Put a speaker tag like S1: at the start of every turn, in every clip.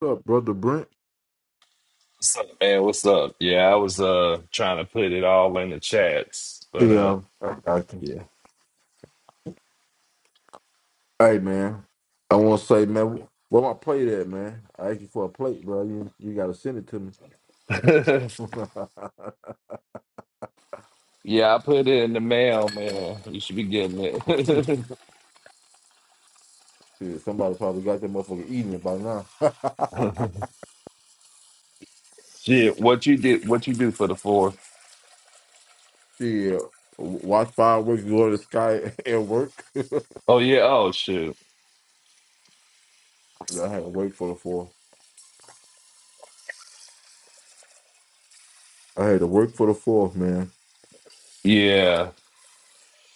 S1: What up, brother Brent?
S2: What's up, man? What's up? Yeah, I was uh trying to put it all in the chats, but uh
S1: Yeah, I, I can.
S2: yeah.
S1: Hey, man. I want to say, man, where my plate at, man? I asked you for a plate, bro. You you gotta send it to me.
S2: yeah, I put it in the mail, man. You should be getting it.
S1: Shit, somebody probably got that motherfucker eating it by now.
S2: Shit, what you did what you do for the fourth?
S1: Yeah, watch fireworks go to the sky and work. I
S2: Oh yeah, oh shoot.
S1: had to work for the fourth. I had to work for the fourth, man.
S2: Yeah.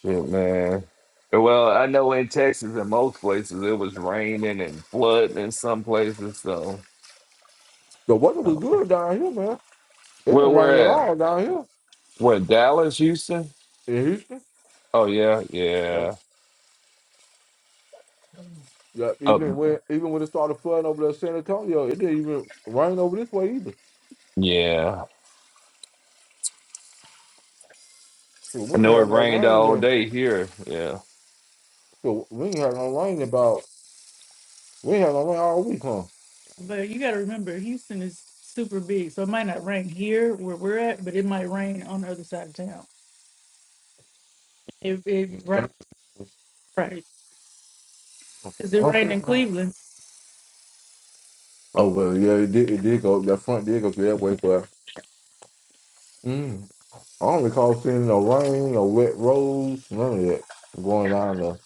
S2: Shit, man. Well, I know in Texas in most places it was raining and flooding in some places, so
S1: The weather was
S2: oh.
S1: good down here, man. It
S2: where
S1: didn't rain at
S2: we're at?
S1: all down here
S2: What Dallas, Houston?
S1: in Houston.
S2: Oh yeah,
S1: Yup.
S2: yeah.
S1: Yeah,
S2: Up
S1: even when even when it started flooding over there in San Antonio, it didn't even rain over this way either.
S2: yeah.
S1: So
S2: I
S1: we ain't
S2: know it
S1: had no
S2: rained
S1: rain
S2: all
S1: then.
S2: day here. Yeah.
S1: So we ain't had no rain about we ain't had no rain all week, huh? But you got to remember, Houston is super big, so it might not rain here where we're at, but it might rain on the other side of town. It it rain right because it rained in Cleveland. Oh well, yeah, it did. It did go. That front did go through that way, but mm, I don't recall seeing no rain, no wet roads, none of that going down there.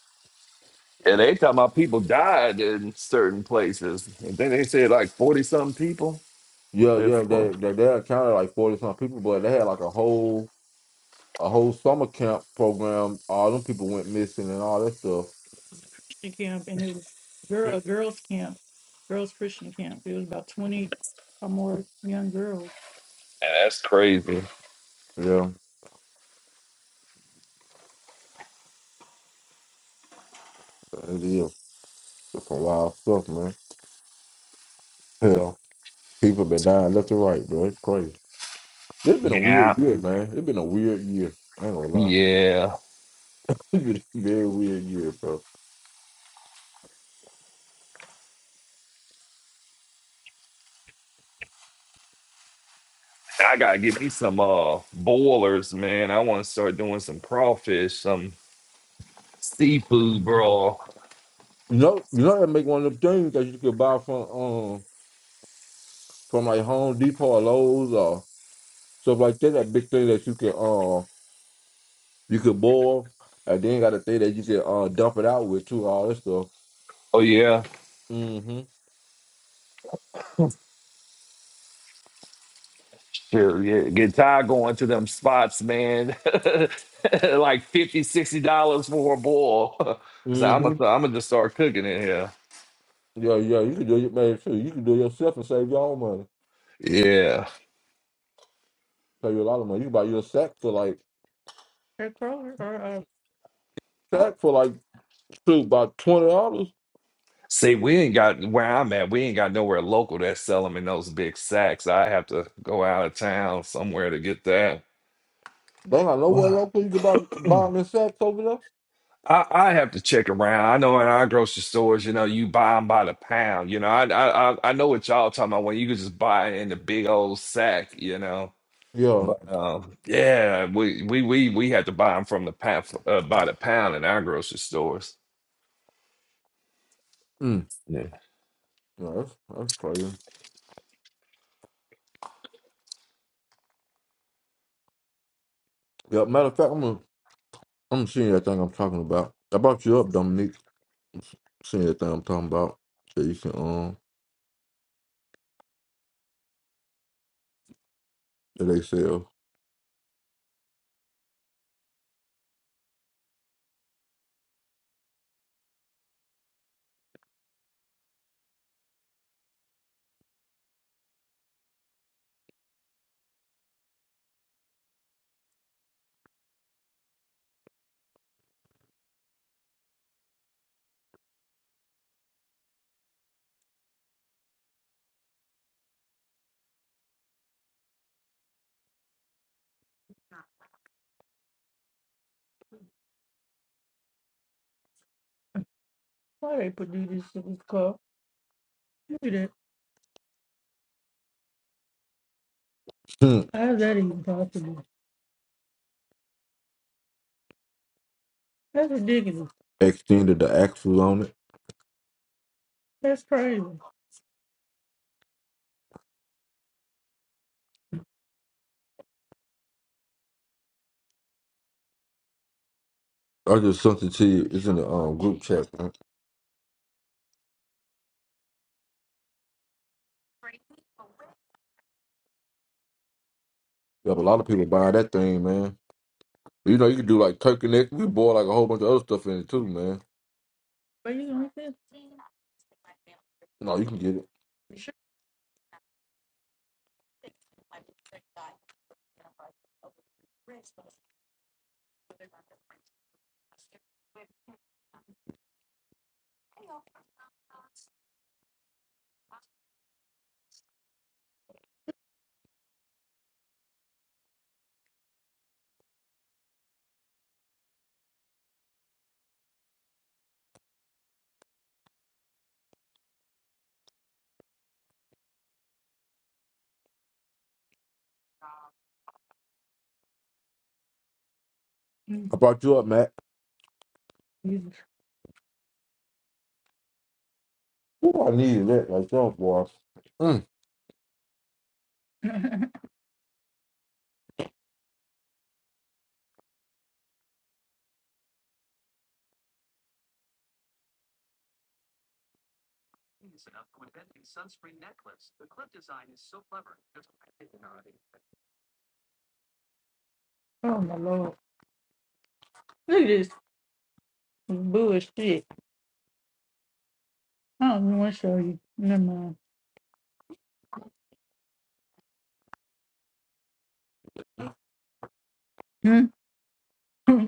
S2: And they talking about people died in certain places. And then they said like 40 something people.
S1: Yeah,
S2: It's
S1: yeah,
S2: uh,
S1: they they, they accounted like forty some people, but they had like a whole a whole summer camp program. All them people went missing and all that stuff. Christian camp, and it was girl a girls camp, girls Christian camp. It was about twenty or more young girls.
S2: that's crazy.
S1: Yeah, it is. It's a wild stuff, man. Hell, people been dying left and right, bro. It's crazy. It's been a
S2: Yeah.
S1: weird year, man. It's been a weird year. I ain't gonna lie.
S2: Yeah.
S1: It's been a very weird year, bro.
S2: I gotta get me some uh boilers, man. I wanna start doing some crawfish, some seafood bro.
S1: You know, you know that make one of them things that you could buy from. um, from like Home Depot or Lowe's or stuff like that. That big thing that you can uh you could boil, and then got a thing that you can uh dump it out with too. All this stuff.
S2: Oh yeah.
S1: Mm-hmm.
S2: Sure, yeah. Get tired going to them spots, man. like fifty, sixty dollars for a boil. so I'm
S1: Mm-hmm.
S2: gonna I'm gonna just start cooking in here.
S1: Yeah, yeah. You can do it, man. Too. You can do it yourself and save your own money.
S2: Yeah.
S1: Save you a lot of money. You can buy you a sack for like Hey, Kroger, uh, uh, sack for like shoot about twenty dollars.
S2: See, we ain't got where I'm at. We ain't got nowhere local that sell them in those big sacks. I have to go out of town somewhere to get that.
S1: They ain't got nowhere
S2: Well,
S1: local you can buy buy them in sacks over there.
S2: I, I have to check around. I know in our grocery stores, you know, you buy them by the pound. You know, I I I I know what y'all talking about when you can just buy it in the big old sack. You know,
S1: Yeah.
S2: but um, yeah, we we we we had to buy them from the pound uh, by the pound in our grocery stores.
S1: Mm. Yeah, that's that's crazy. Yeah. Matter of fact, I'm gonna I'm seeing that thing I'm talking about. I brought you up, Dominique. See that thing I'm talking about? So you can um that they sell. Why they put do this in this car? Look at that. Hmm. How is that even possible? That's ridiculous. Extended the axle on it. That's crazy. I just sent it to you. It's in the um group chat, man. You have a lot of people buying that thing, man. You know, you can do like turkey neck. You can boil like a whole bunch of other stuff in it too, man. Are you gonna fit? No, you can get it. Mm. I brought you up, Matt. Jesus. Ooh, I needed that myself, boy. Mm. Oh my lord. Look at this bullshit. I don't even want to show you. Never mind. Hmm?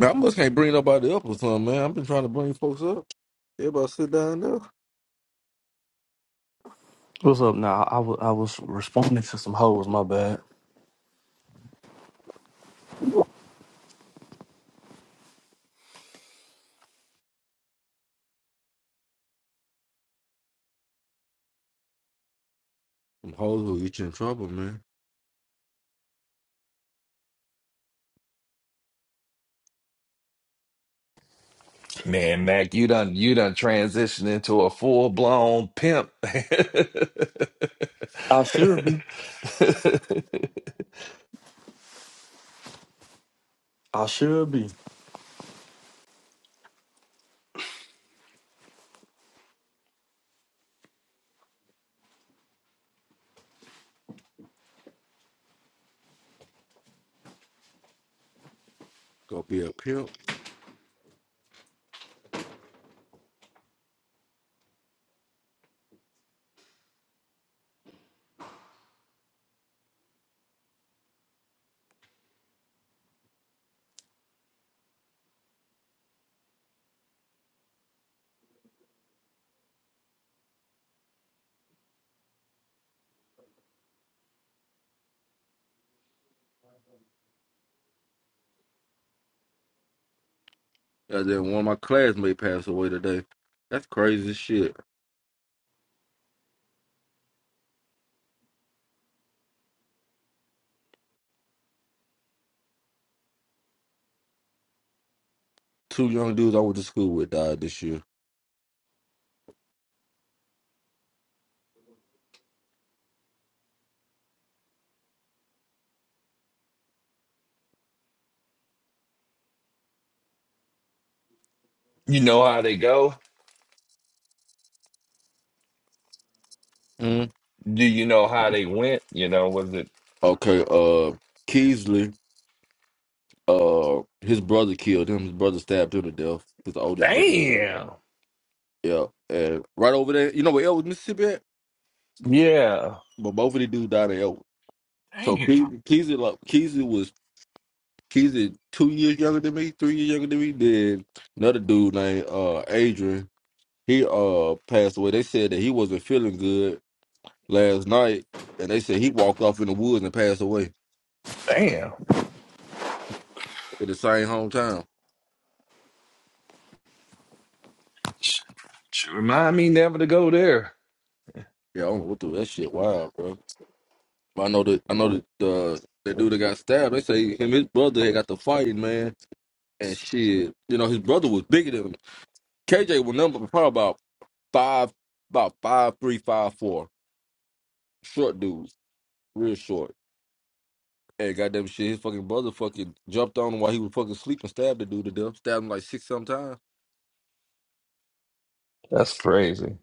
S1: Man, I must can't bring nobody up or something, man. I've been trying to bring folks up. Everybody sit down there.
S3: What's up now? I wa- I was responding to some hoes, my bad.
S1: Them hoes will get you in trouble, man.
S2: Man, Mac, you done you done transitioned into a full blown pimp.
S3: I should be. I should be.
S1: Go be a pimp. And then one of my classmates passed away today. That's crazy as shit. Two young dudes I went to school with died this year.
S2: you know how they go?
S1: Mm.
S2: Do you know how they went? You know, was it
S1: Okay, uh, Keesley uh his brother killed him. His brother stabbed him to death. His oldest brother.
S2: damn?
S1: Yeah, and right over there, you know where Elwood, Mississippi at?
S2: Yeah.
S1: But both of these dudes died in Elwood. So
S2: Damn.
S1: Ke- Keezy, like Keezy was Keezy two years younger than me, three years younger than me. Then another dude named uh Adrian, he uh passed away. They said that he wasn't feeling good last night, and they said he walked off in the woods and passed away
S2: Damn.
S1: at the same hometown.
S2: Sh- sh- Remind me never to go there.
S1: Yeah, I don't know what the that shit. Wow, bro. I know that I know that uh, the dude that got stabbed. They say him and his brother had got the fighting man, and shit. You know his brother was bigger than him. KJ was number probably about five, about five three, five four. Short dude, real short. And goddamn shit, his fucking brother fucking jumped on him while he was fucking sleeping, stabbed the dude to death, stabbed him like six sometimes.
S2: That's crazy.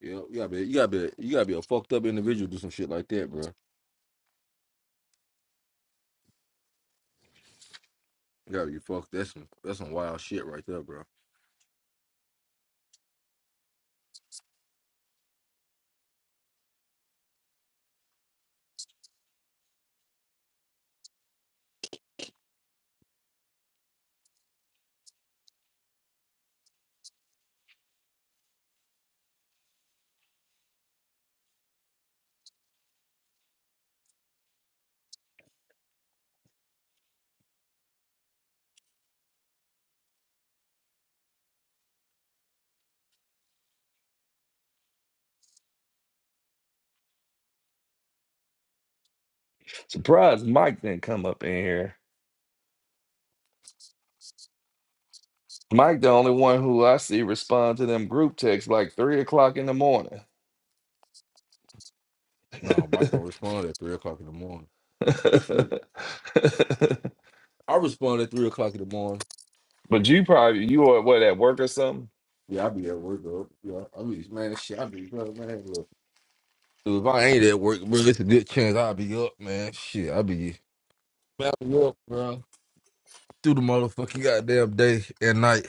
S1: Yeah, you gotta be, you gotta be, you gotta be a fucked up individual to do some shit like that, bro. You gotta be fucked. That's some, that's some wild shit right there, bro.
S2: Surprised Mike didn't come up in here. Mike, the only one who I see respond to them group texts like three o'clock in the morning.
S1: No, Mike don't respond at three o'clock in the morning. I respond at three o'clock in the morning.
S2: But you probably you are what at work or something.
S1: Yeah, I be at work though. Yeah, I be man, shit, I be bro, man. Look, Dude, if I ain't at work, bro, it's a good chance I'll be up, man. Shit, I be man, I be up, bro. Through the motherfucking goddamn day and night.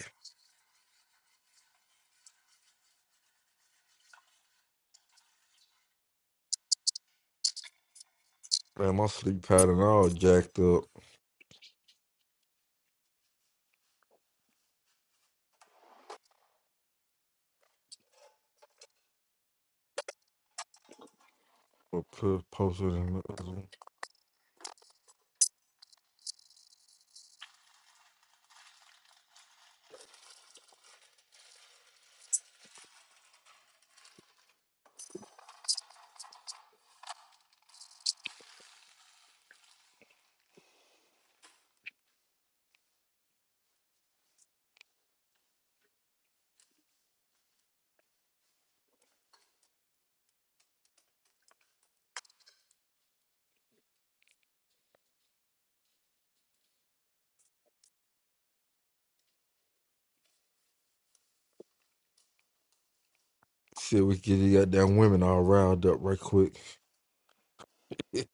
S1: Man, my sleep pattern all jacked up. I put posted in the other one. Shit, we get these goddamn women all riled up right quick.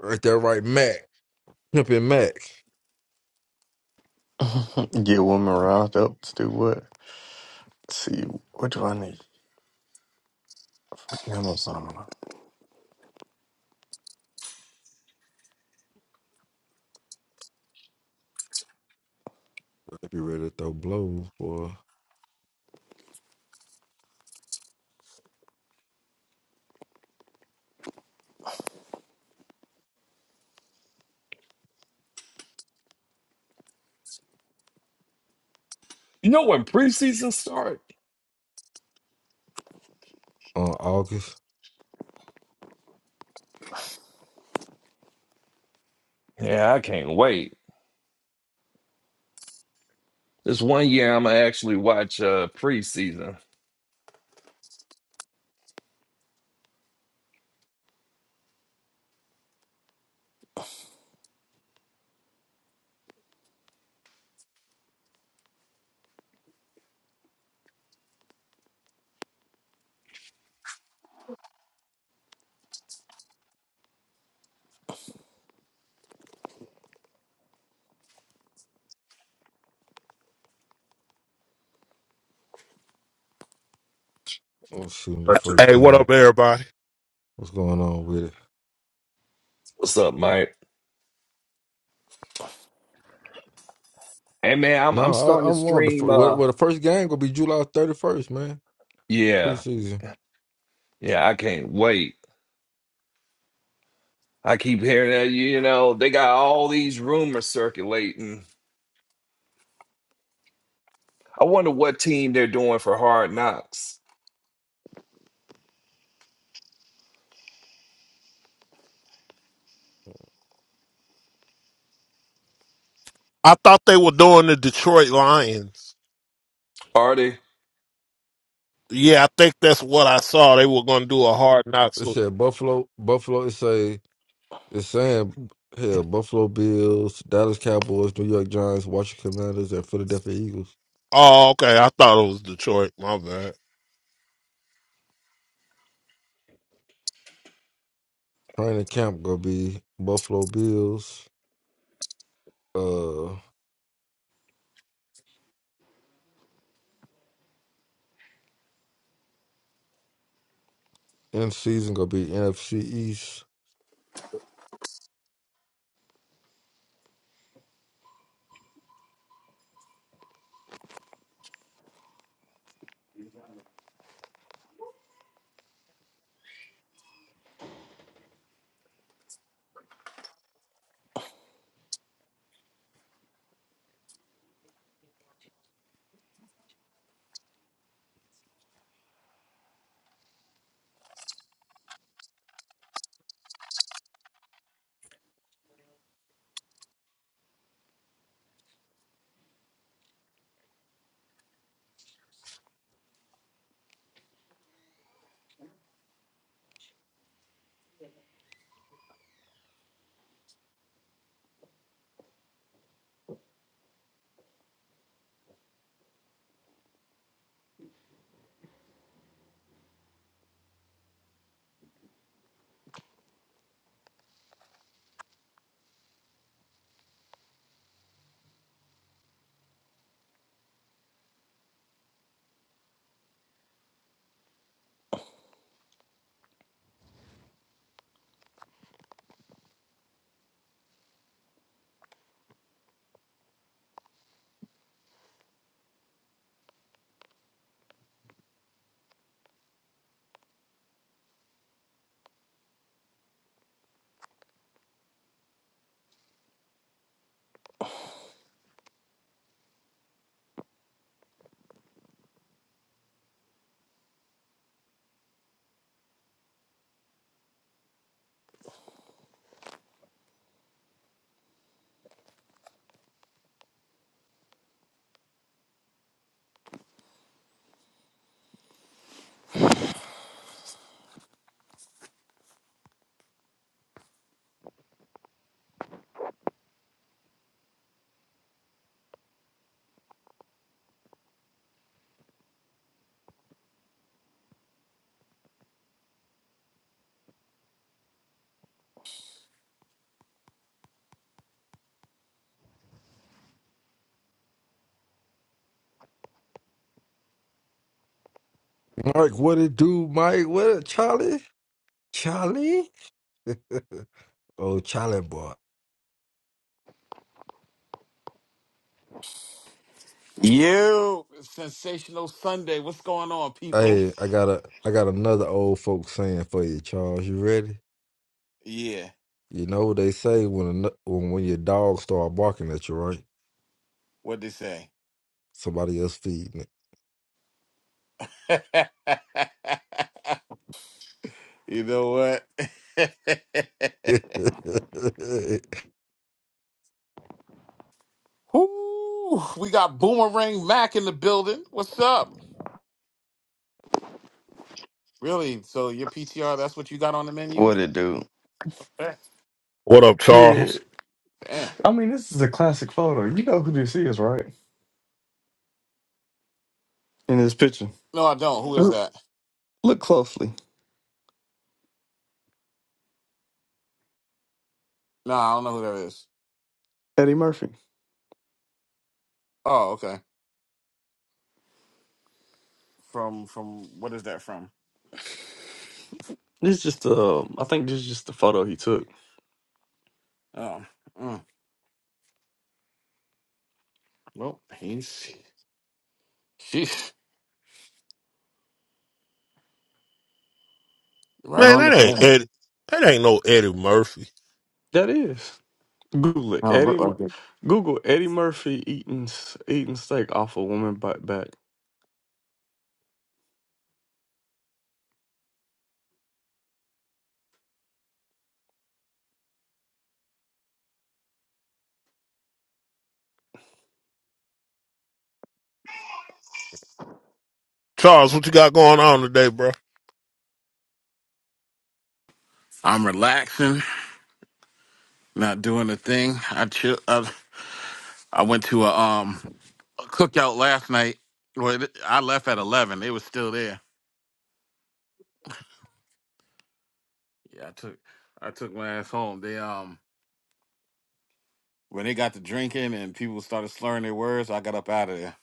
S1: Right there, right, Mac. Pimpin' Mac.
S3: Get women riled up to do what? see, what do I need? Amazon.
S1: I be ready to throw blows for
S2: You know when preseason start?
S1: on August.
S2: Yeah, I can't wait. This one year I'm gonna actually watch uh preseason.
S1: I'm shooting the first
S4: Hey, what up,
S1: game.
S4: everybody?
S1: What's going on with it?
S2: What's up, Mike? Hey man, I'm I'm
S1: No,
S2: starting
S1: I, I
S2: to
S1: want the
S2: stream
S1: fir- well,
S2: uh
S1: well. The first game gonna be July thirty first, man.
S2: yeah,
S1: Preseason.
S2: yeah, I can't wait. I keep hearing that you know, they got all these rumors circulating. I wonder what team they're doing for hard knocks.
S4: I thought they were doing the Detroit Lions.
S2: Are they?
S4: Yeah, I think that's what I saw. They were going to do a hard knocks.
S1: It
S4: look-
S1: said Buffalo. Buffalo. It say it's saying hell. Buffalo Bills, Dallas Cowboys, New York Giants, Washington Commanders, and Philadelphia Eagles.
S4: Oh, okay. I thought it was Detroit. My bad.
S1: Training camp gonna be Buffalo Bills. Uh, in season gonna be NFC East. Mike, what it do, Mike? What it, Charlie? Charlie? oh, Charlie boy.
S5: You sensational Sunday. What's going on, peoples?
S1: Hey, I got a I got another old folk saying for you, Charles. You ready?
S5: Yeah,
S1: You know what they say when a, nu- when when your dog start barking at you, right?
S5: what they say?
S1: Somebody else feeding
S5: you know what?
S1: it.
S5: Whoo, we got Boomerang Mac in the building. What's up? Really? So your PTR? That's what you got on the menu?
S3: What it do?
S5: Eh,
S4: What up,
S3: Yeah.
S4: Charles?
S5: Damn.
S3: I mean, this is a classic photo. You know who this is, right? In this picture.
S5: No, I don't. Who is
S3: Oop.
S5: that?
S3: Look closely.
S5: No, I don't know who that is.
S3: Eddie Murphy.
S5: Oh, okay. From from what is that from?
S3: This is just uh I think this is just the photo he took.
S5: Oh, mm. well, he's sheesh, right
S4: Man,
S5: on the
S4: that
S5: time.
S4: ain't Eddie. That ain't no Eddie Murphy.
S3: That is. Google it.
S5: I don't
S3: Eddie
S5: look like
S3: Mur-
S5: it.
S3: Google Eddie Murphy eating s- eating steak off a woman butt back.
S4: Charles, what you got going on today, bro?
S5: I'm relaxing, not doing a thing. I chill. I, I went to a um a cookout last night. Well, it- I left at eleven. They was still there. Yeah, I took I took my ass home. They um when they got to drinking and people started slurring their words, I got up out of there.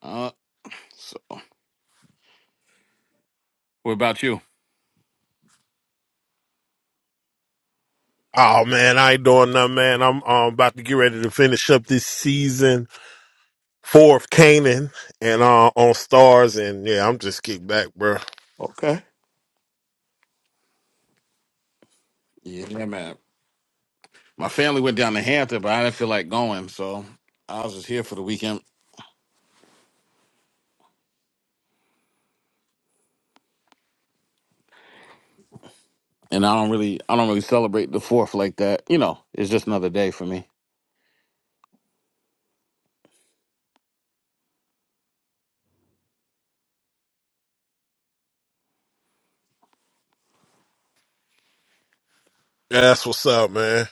S5: Uh, so what about you?
S4: Oh man, I ain't doing nothing, man. I'm um, about to get ready to finish up this season four of Canaan and uh, on Stars, and yeah, I'm just kicked back, bro.
S5: Okay. Yeah, man. My family went down to Hampton, but I didn't feel like going, so I was just here for the weekend. And I don't really, I don't really celebrate the Fourth like that. You know, it's just another day for me.
S4: Yeah, that's what's up, man.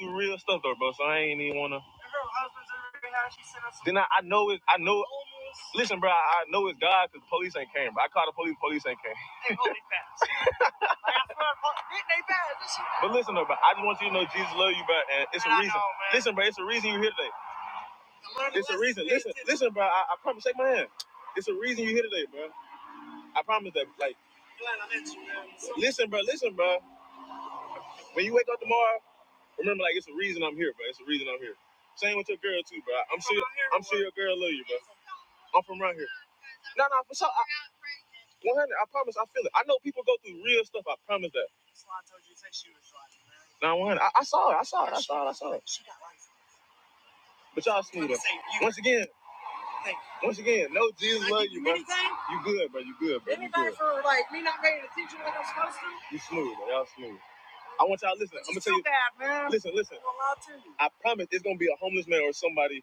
S3: some real stuff though, bro. So I ain't even wanna. And her husband's over here now. She sent us. Then I, I know it. I know. Listen, bro. I, I know it's God because the police ain't came. Bro. I called the police. Police ain't came. but listen, though, bro. I just want you to know Jesus love you, bro. And it's listen, bro. It's a reason you're here today. Listen, bro. I, I promise. Shake my hand. It's a reason you're here today, bro. I promise that. Like, listen, bro. Listen, bro. When you wake up tomorrow, remember, like, it's a reason I'm here, bro. It's a reason I'm here. Same with your girl too, bro. I'm sure your girl love you. I'm from around here. No, no, for sure. I, 100. I promise. I feel it. I know people go through real stuff. I promise that. Now 100. I, I saw it. I saw But y'all, smooth. once again, once again, no Jesus. You good, bro. You good, bro. You smooth, bro. Y'all smooth. I want y'all to listen. Listen, listen. I promise it's going to be a homeless man or somebody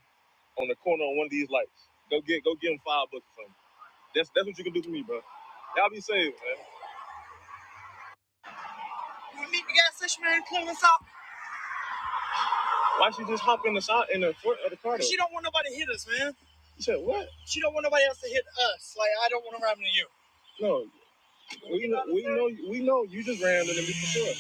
S3: on the corner on one of these lights. Go get, go give him five bucks or something. That's, that's what you can do to me, bro. Y'all be saved, man. Why don't you just hop in the side in the front of the car? You said what? No, we know, we know, we know. You just ran into me for sure.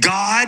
S3: God.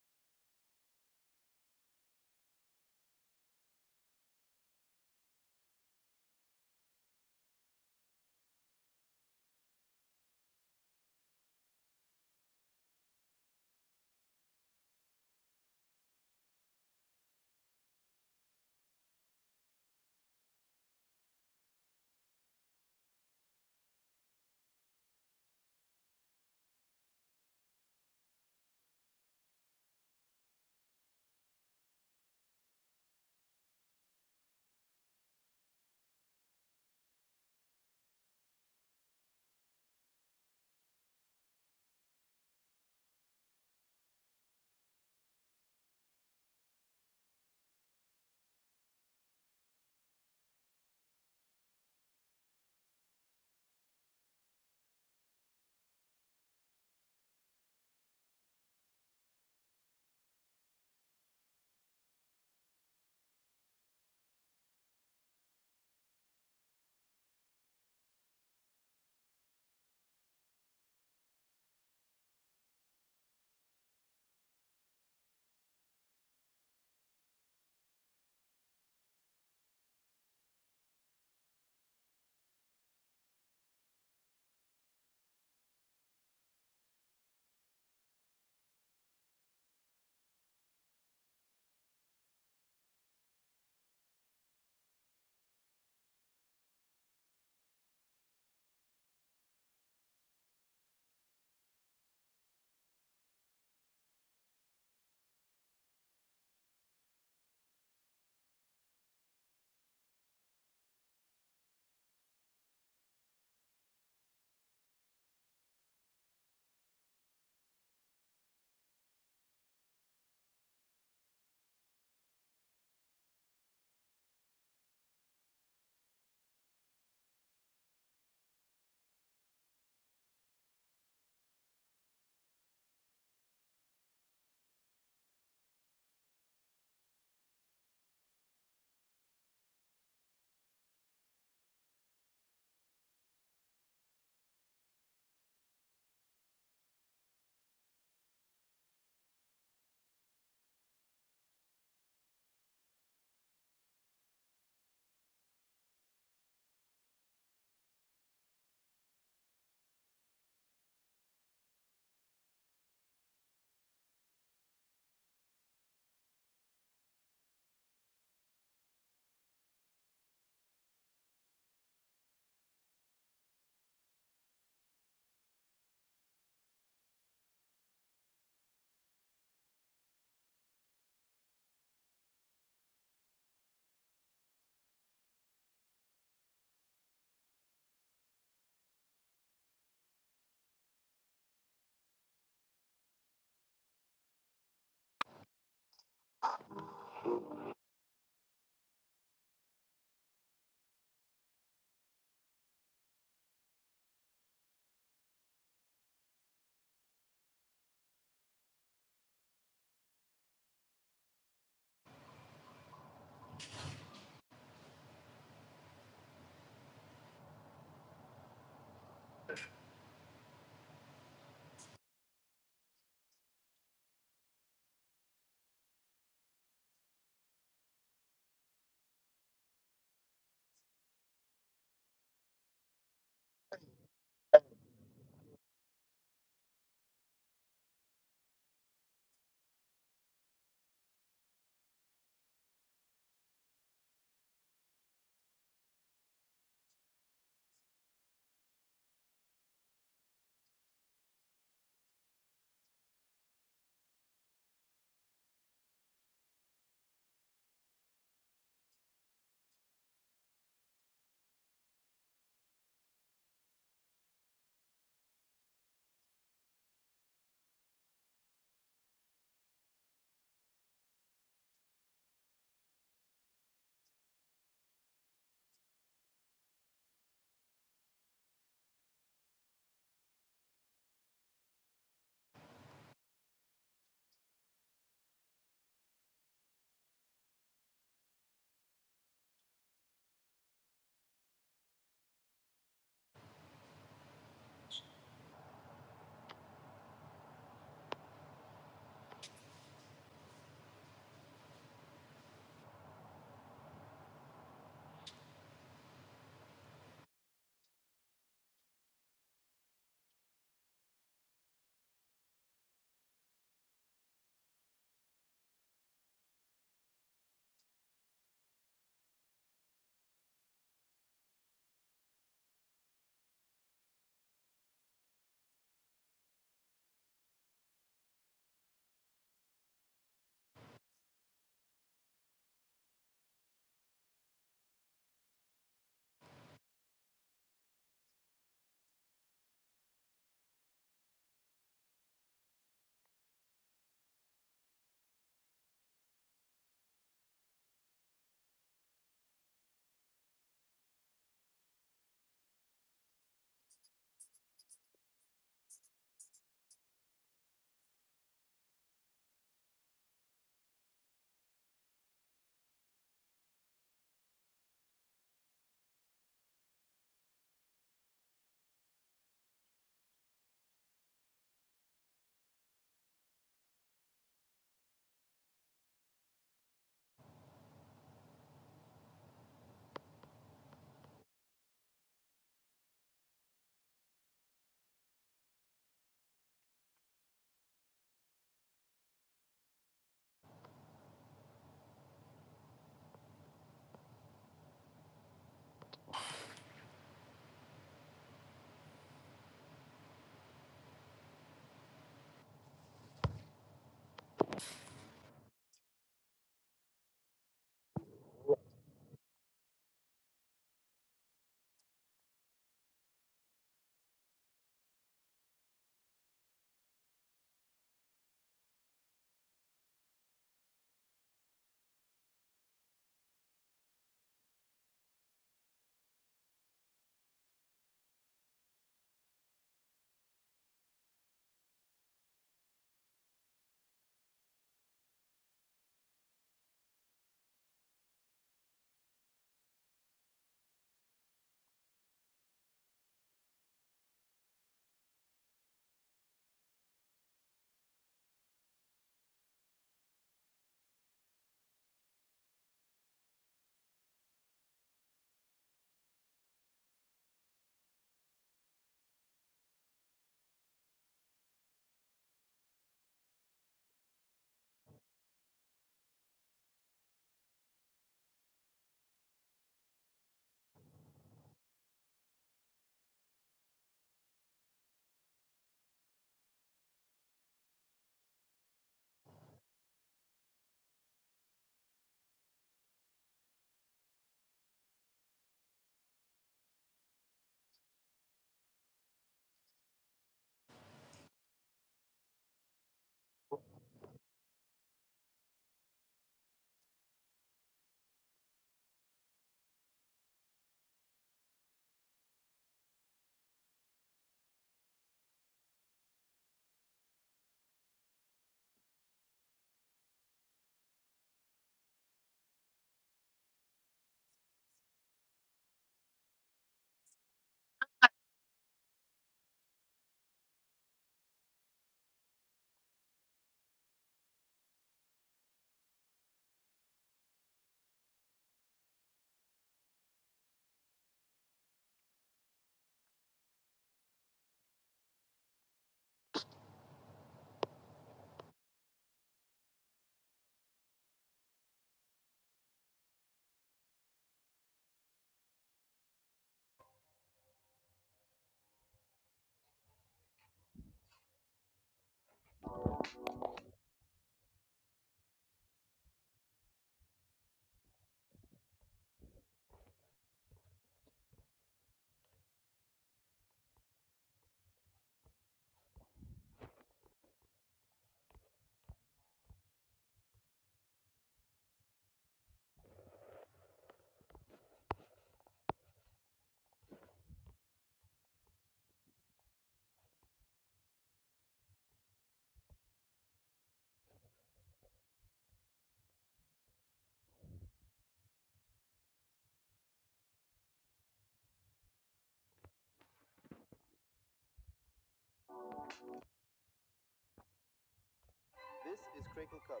S3: This is Crinkle Cup.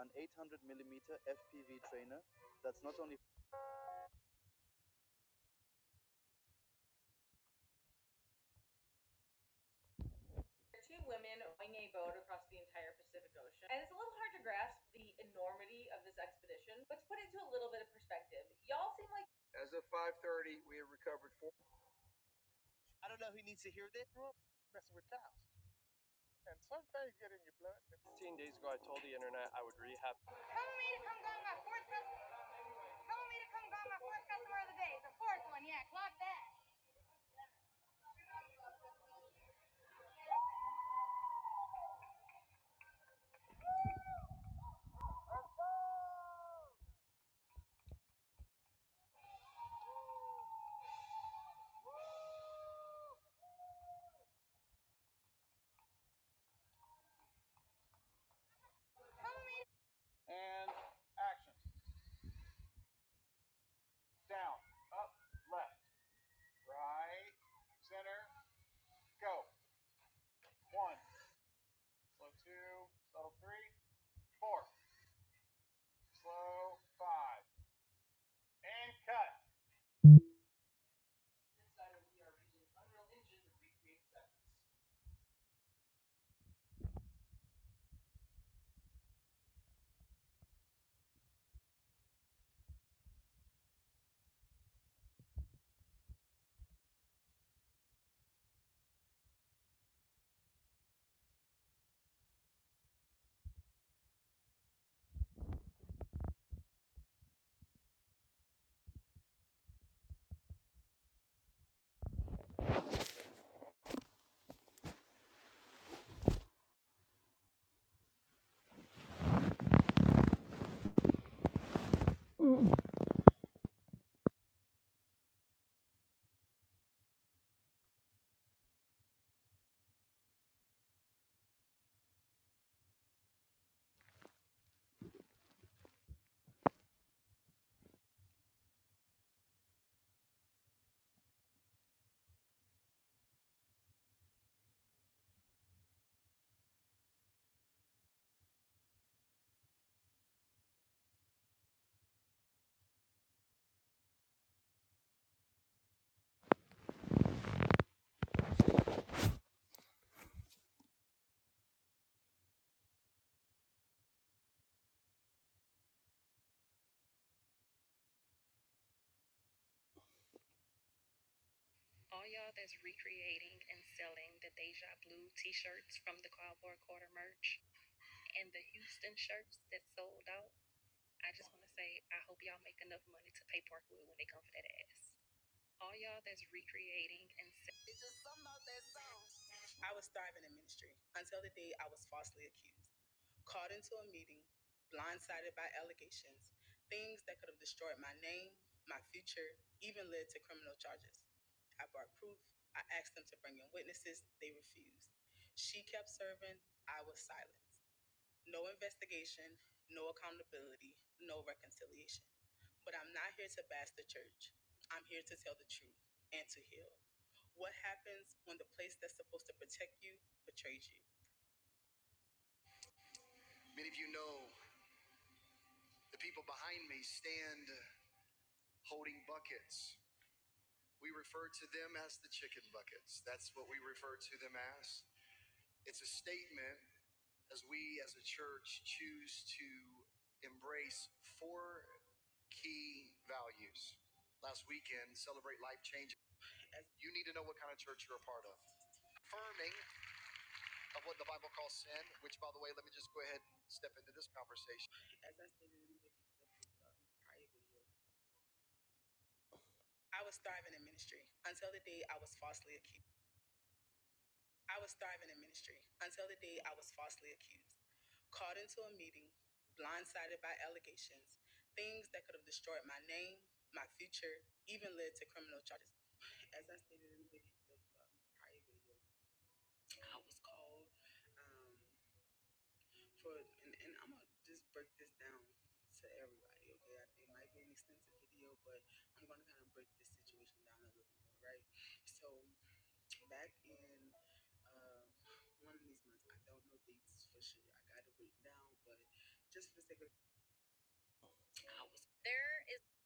S3: an 800 millimeter FPV trainer that's not only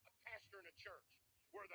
S3: a pastor in a church. Where-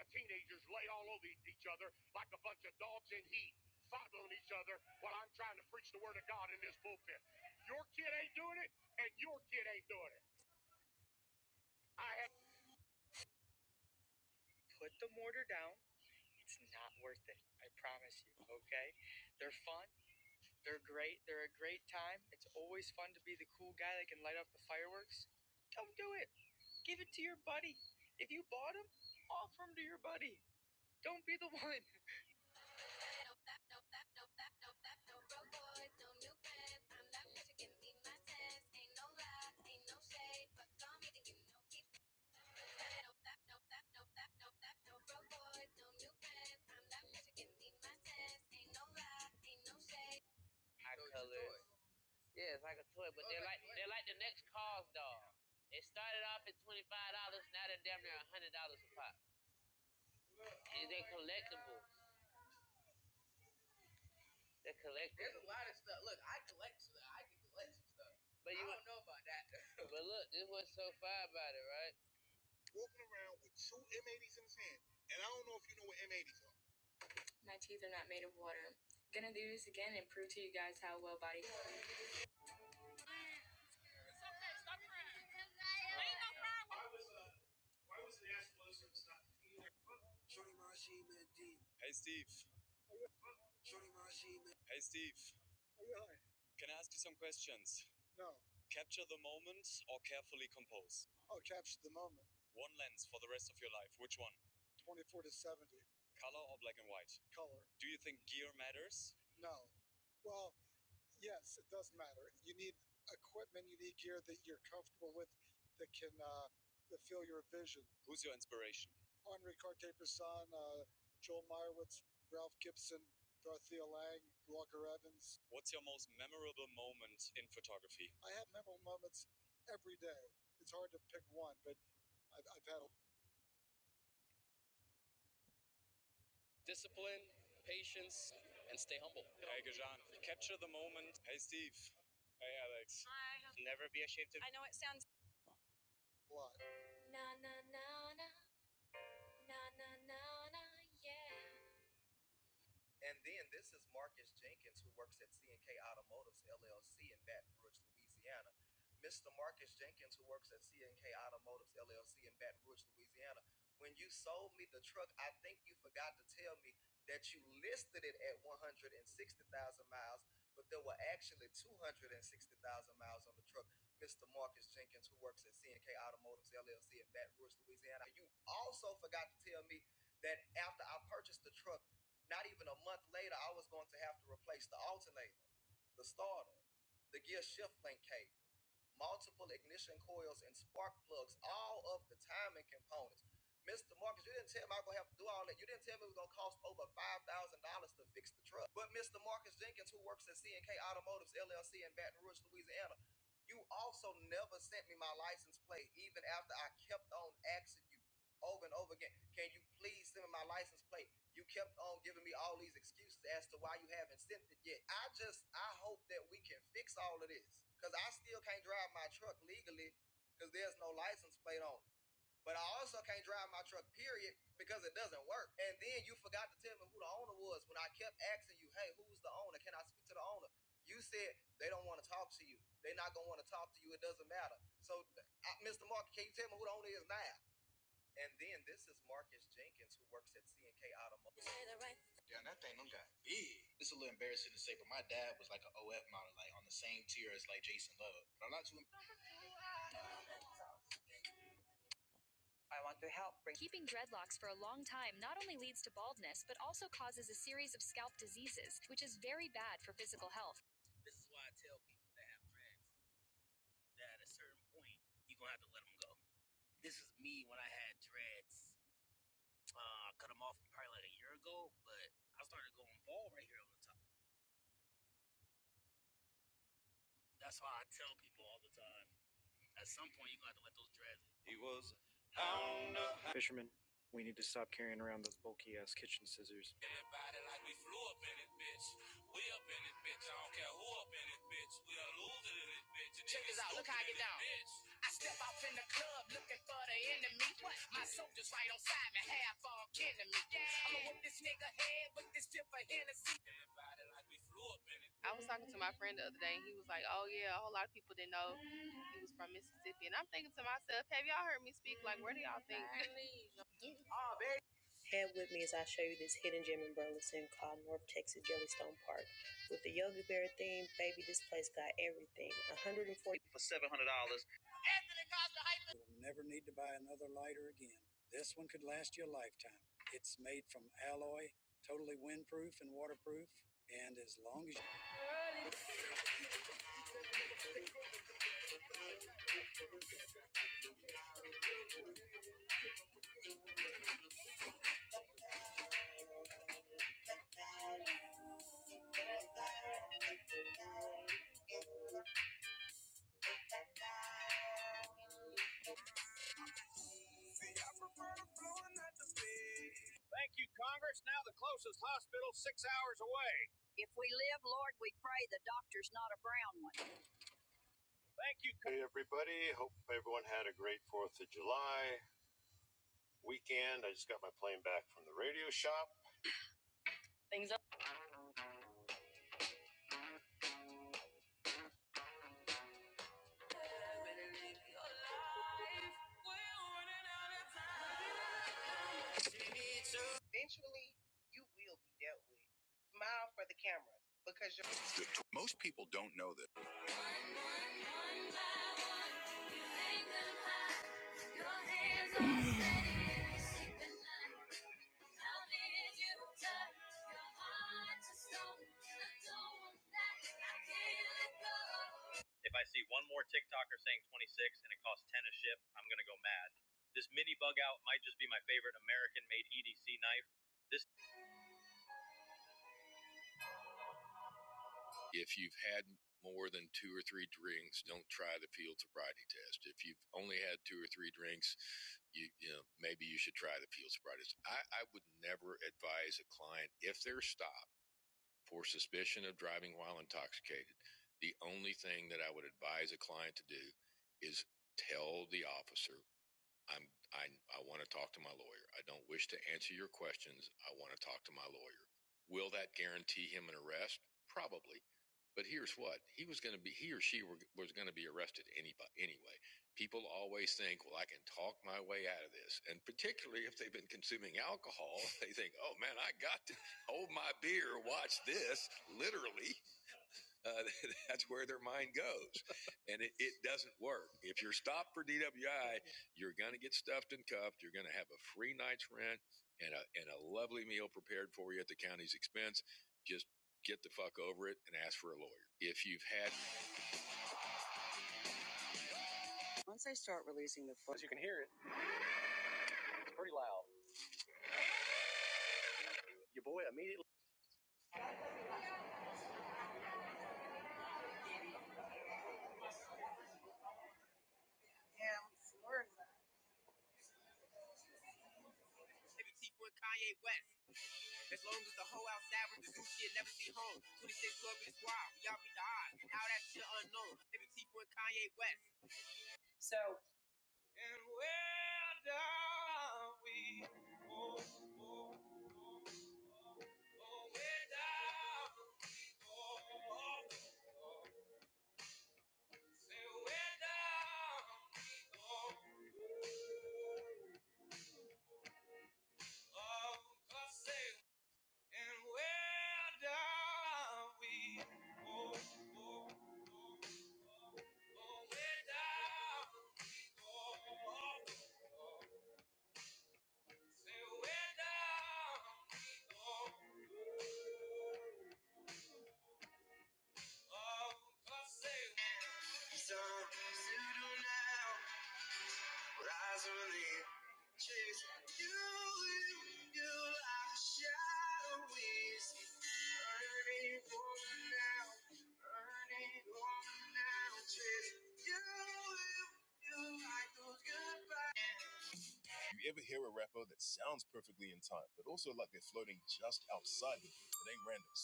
S3: you ever hear a rapper that sounds perfectly in time, but also like they're floating just outside of it, it ain't random.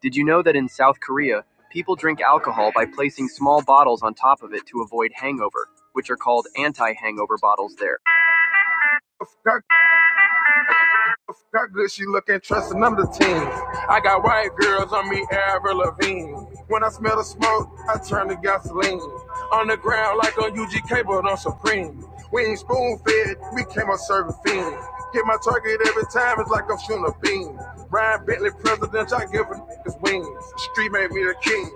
S3: Did you know that in South Korea, people drink alcohol by placing small bottles on top of it to avoid hangover, which are called anti hangover bottles there? How good she looking, trusting them to teens. I got white girls on me, Avril Lavigne. When I smell the smoke, I turn to gasoline. On the ground like on UGK, but on Supreme. We ain't spoon fed, we came on serving fiend. Hit my target every time, it's like I'm shooting a beam. Ryan Bentley, president, I give him his wings. Street made me the king.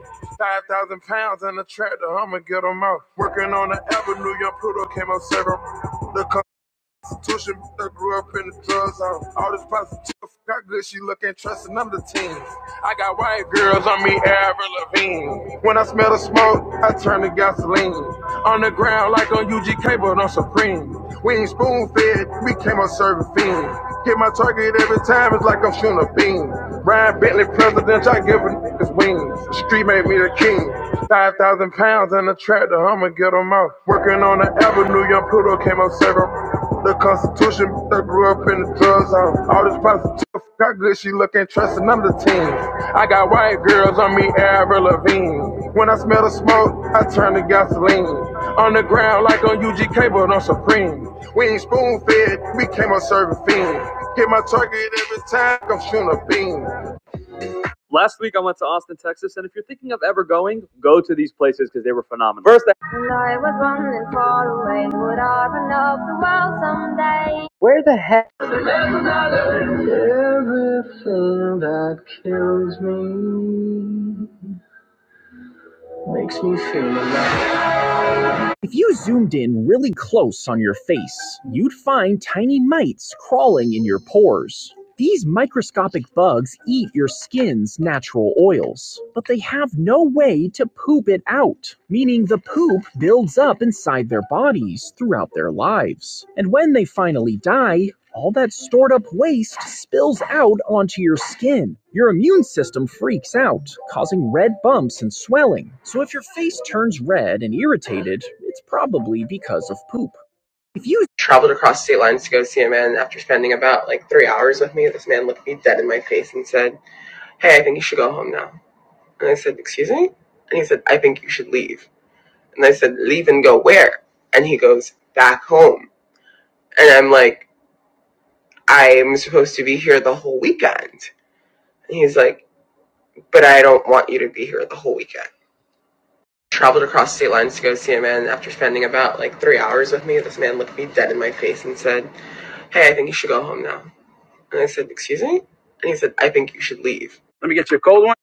S3: 5,000 pounds in the tractor, I'ma get 'em out. Working on the avenue, young Pluto came up serving. The Tuition that grew up in the drug zone. All this positive, got good, she looking, trusting them the teens. I got white girls on me, Avril Lavigne. When I smell the smoke, I turn to gasoline. On the ground like on UGK, but on gasoline. On the ground like on UGK, but on Supreme. We ain't spoon fed, we came up serving fiend. Get my target every time, I'm shooting a beam. Let me get you a cold one.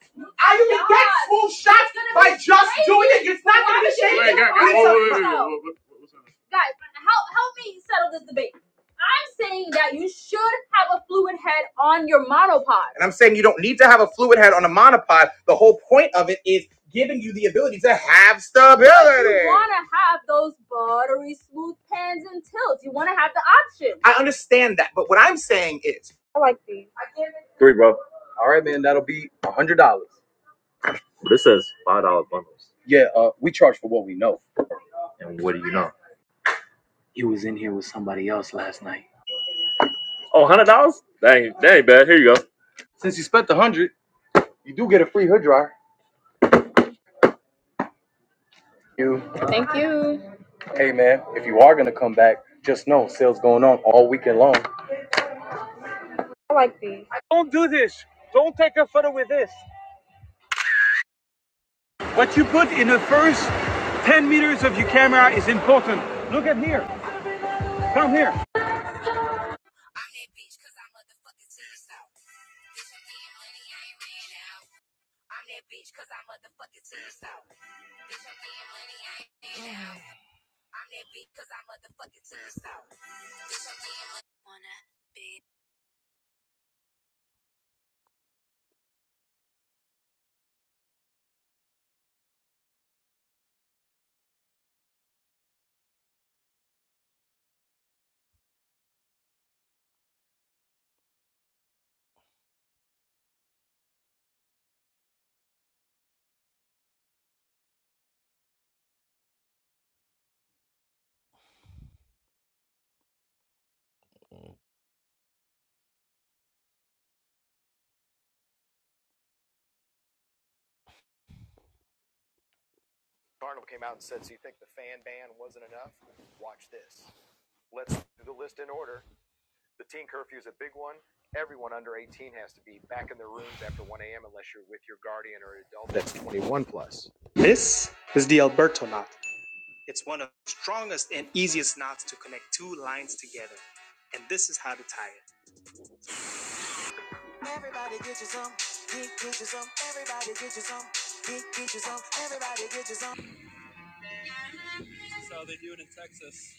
S3: That's how they do it in Texas.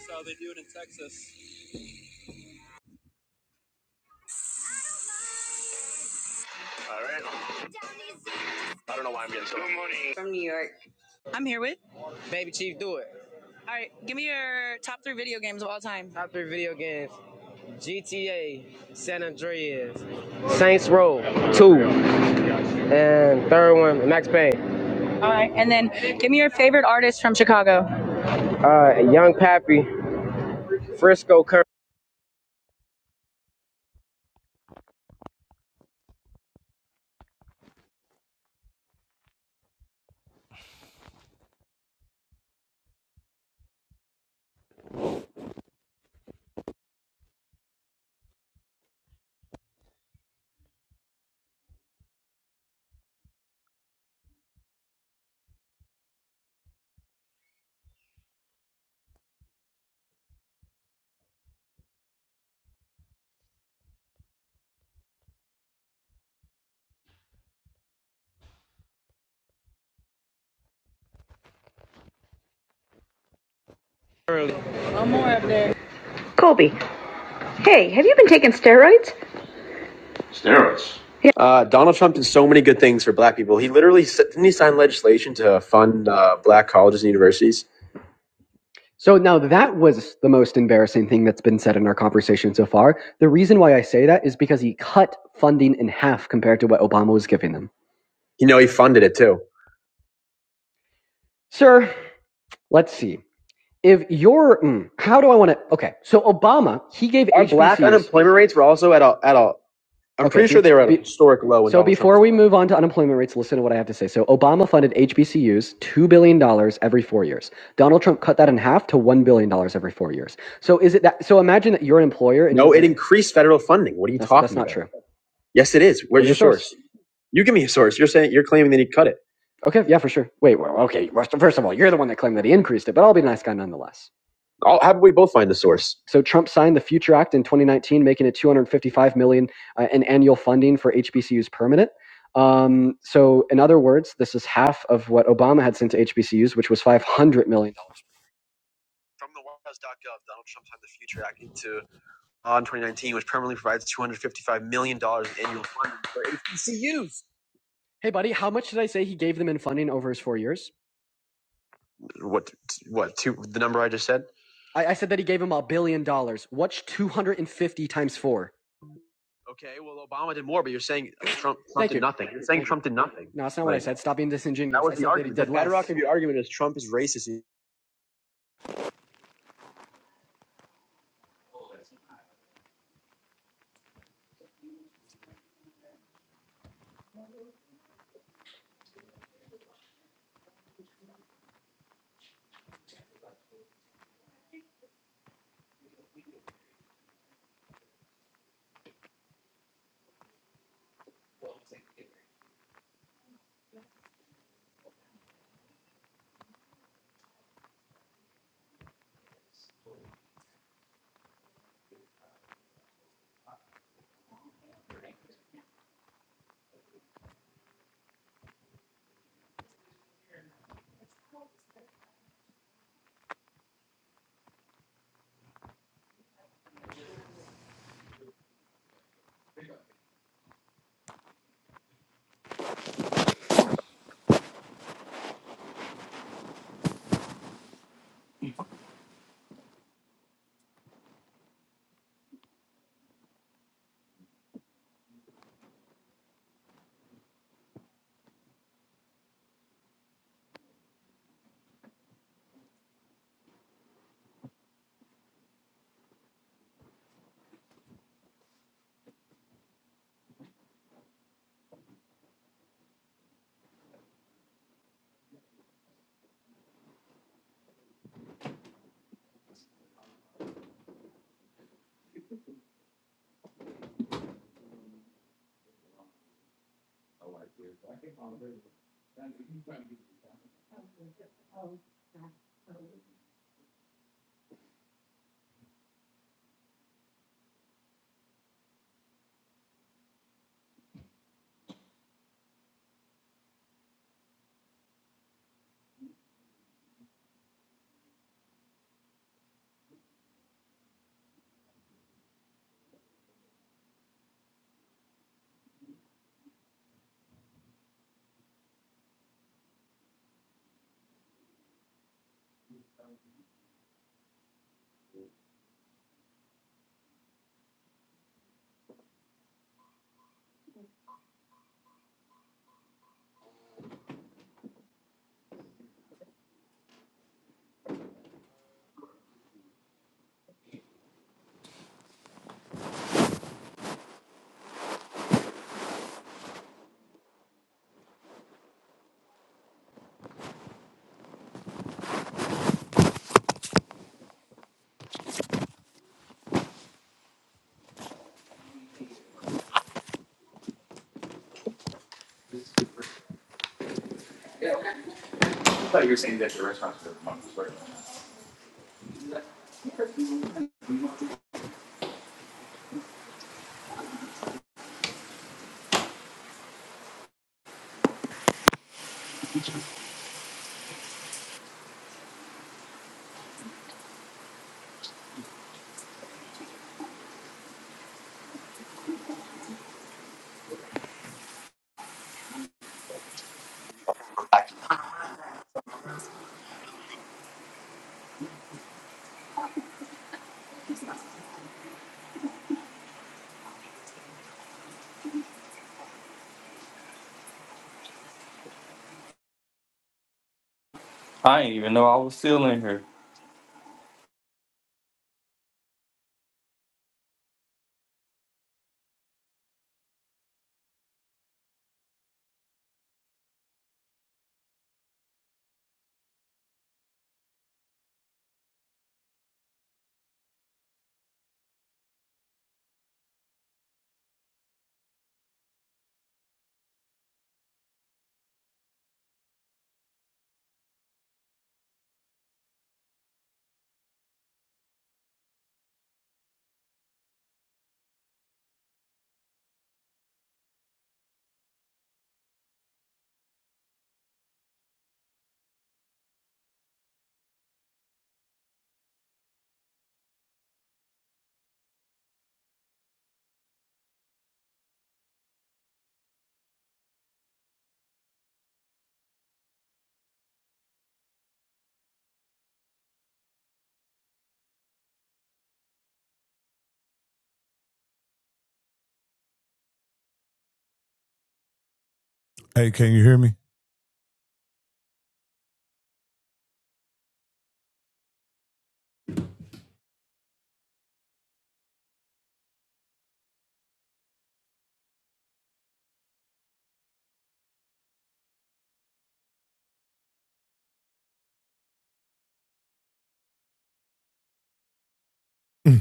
S3: That's how they do it in Texas. So now that was the most embarrassing thing that's been said in our conversation so far. The reason why I say that is because he cut funding in half compared to what Obama was giving them. Sir, let's see. If you're, mm, how do I want to? Okay, so Obama, he gave Okay, So before we move on to unemployment rates, listen to what I have to say. So Obama funded HBCUs $2 billion dollars every four years. Donald Trump cut that in half to $1 billion dollars every four years. So is it that, so imagine that you're an employer and that's, that's That's not true. Is it Okay, yeah, for sure. Wait, well, okay. well, first of all, you're the one that claimed that he increased it, but I'll be a nice guy nonetheless. So Trump signed the Future Act in 2019, making it 255 million dollars uh, in annual funding for HBCUs permanent. Um, so in other words, this is half of what Obama had sent to HBCUs, which was 500 million. dollars. Hey, buddy, how much did I say he gave them in funding over his four years? I, I said that he gave them a billion dollars. What's 250 times four? you. No, that's not like, what I said. Stop being that disingenuous. I said that
S6: Hey, can you hear me? There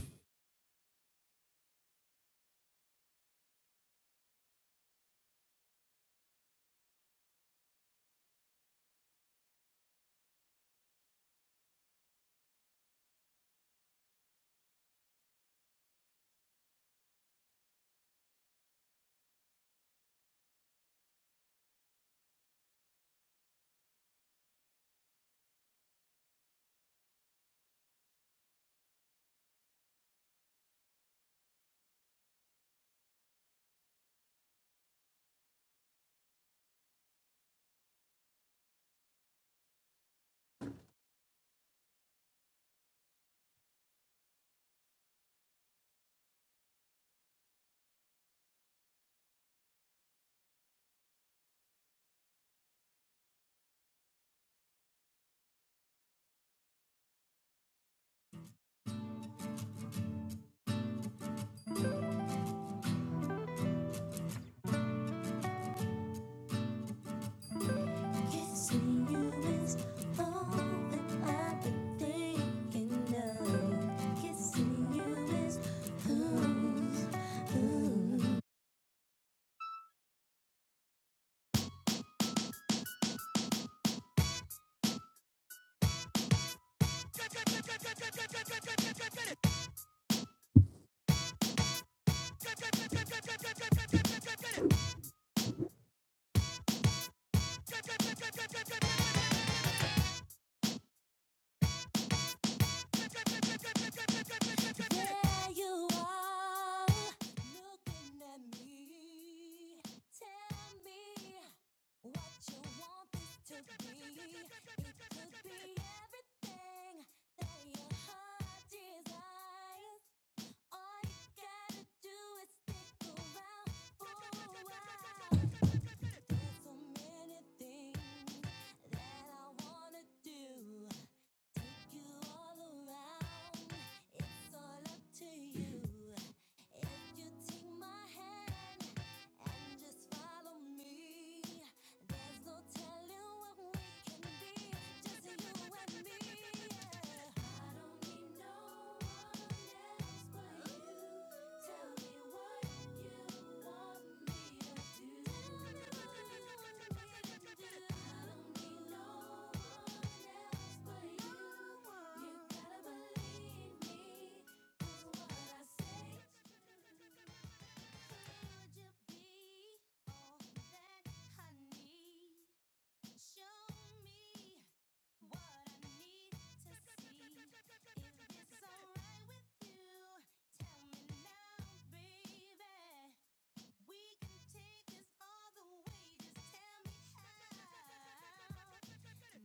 S6: there's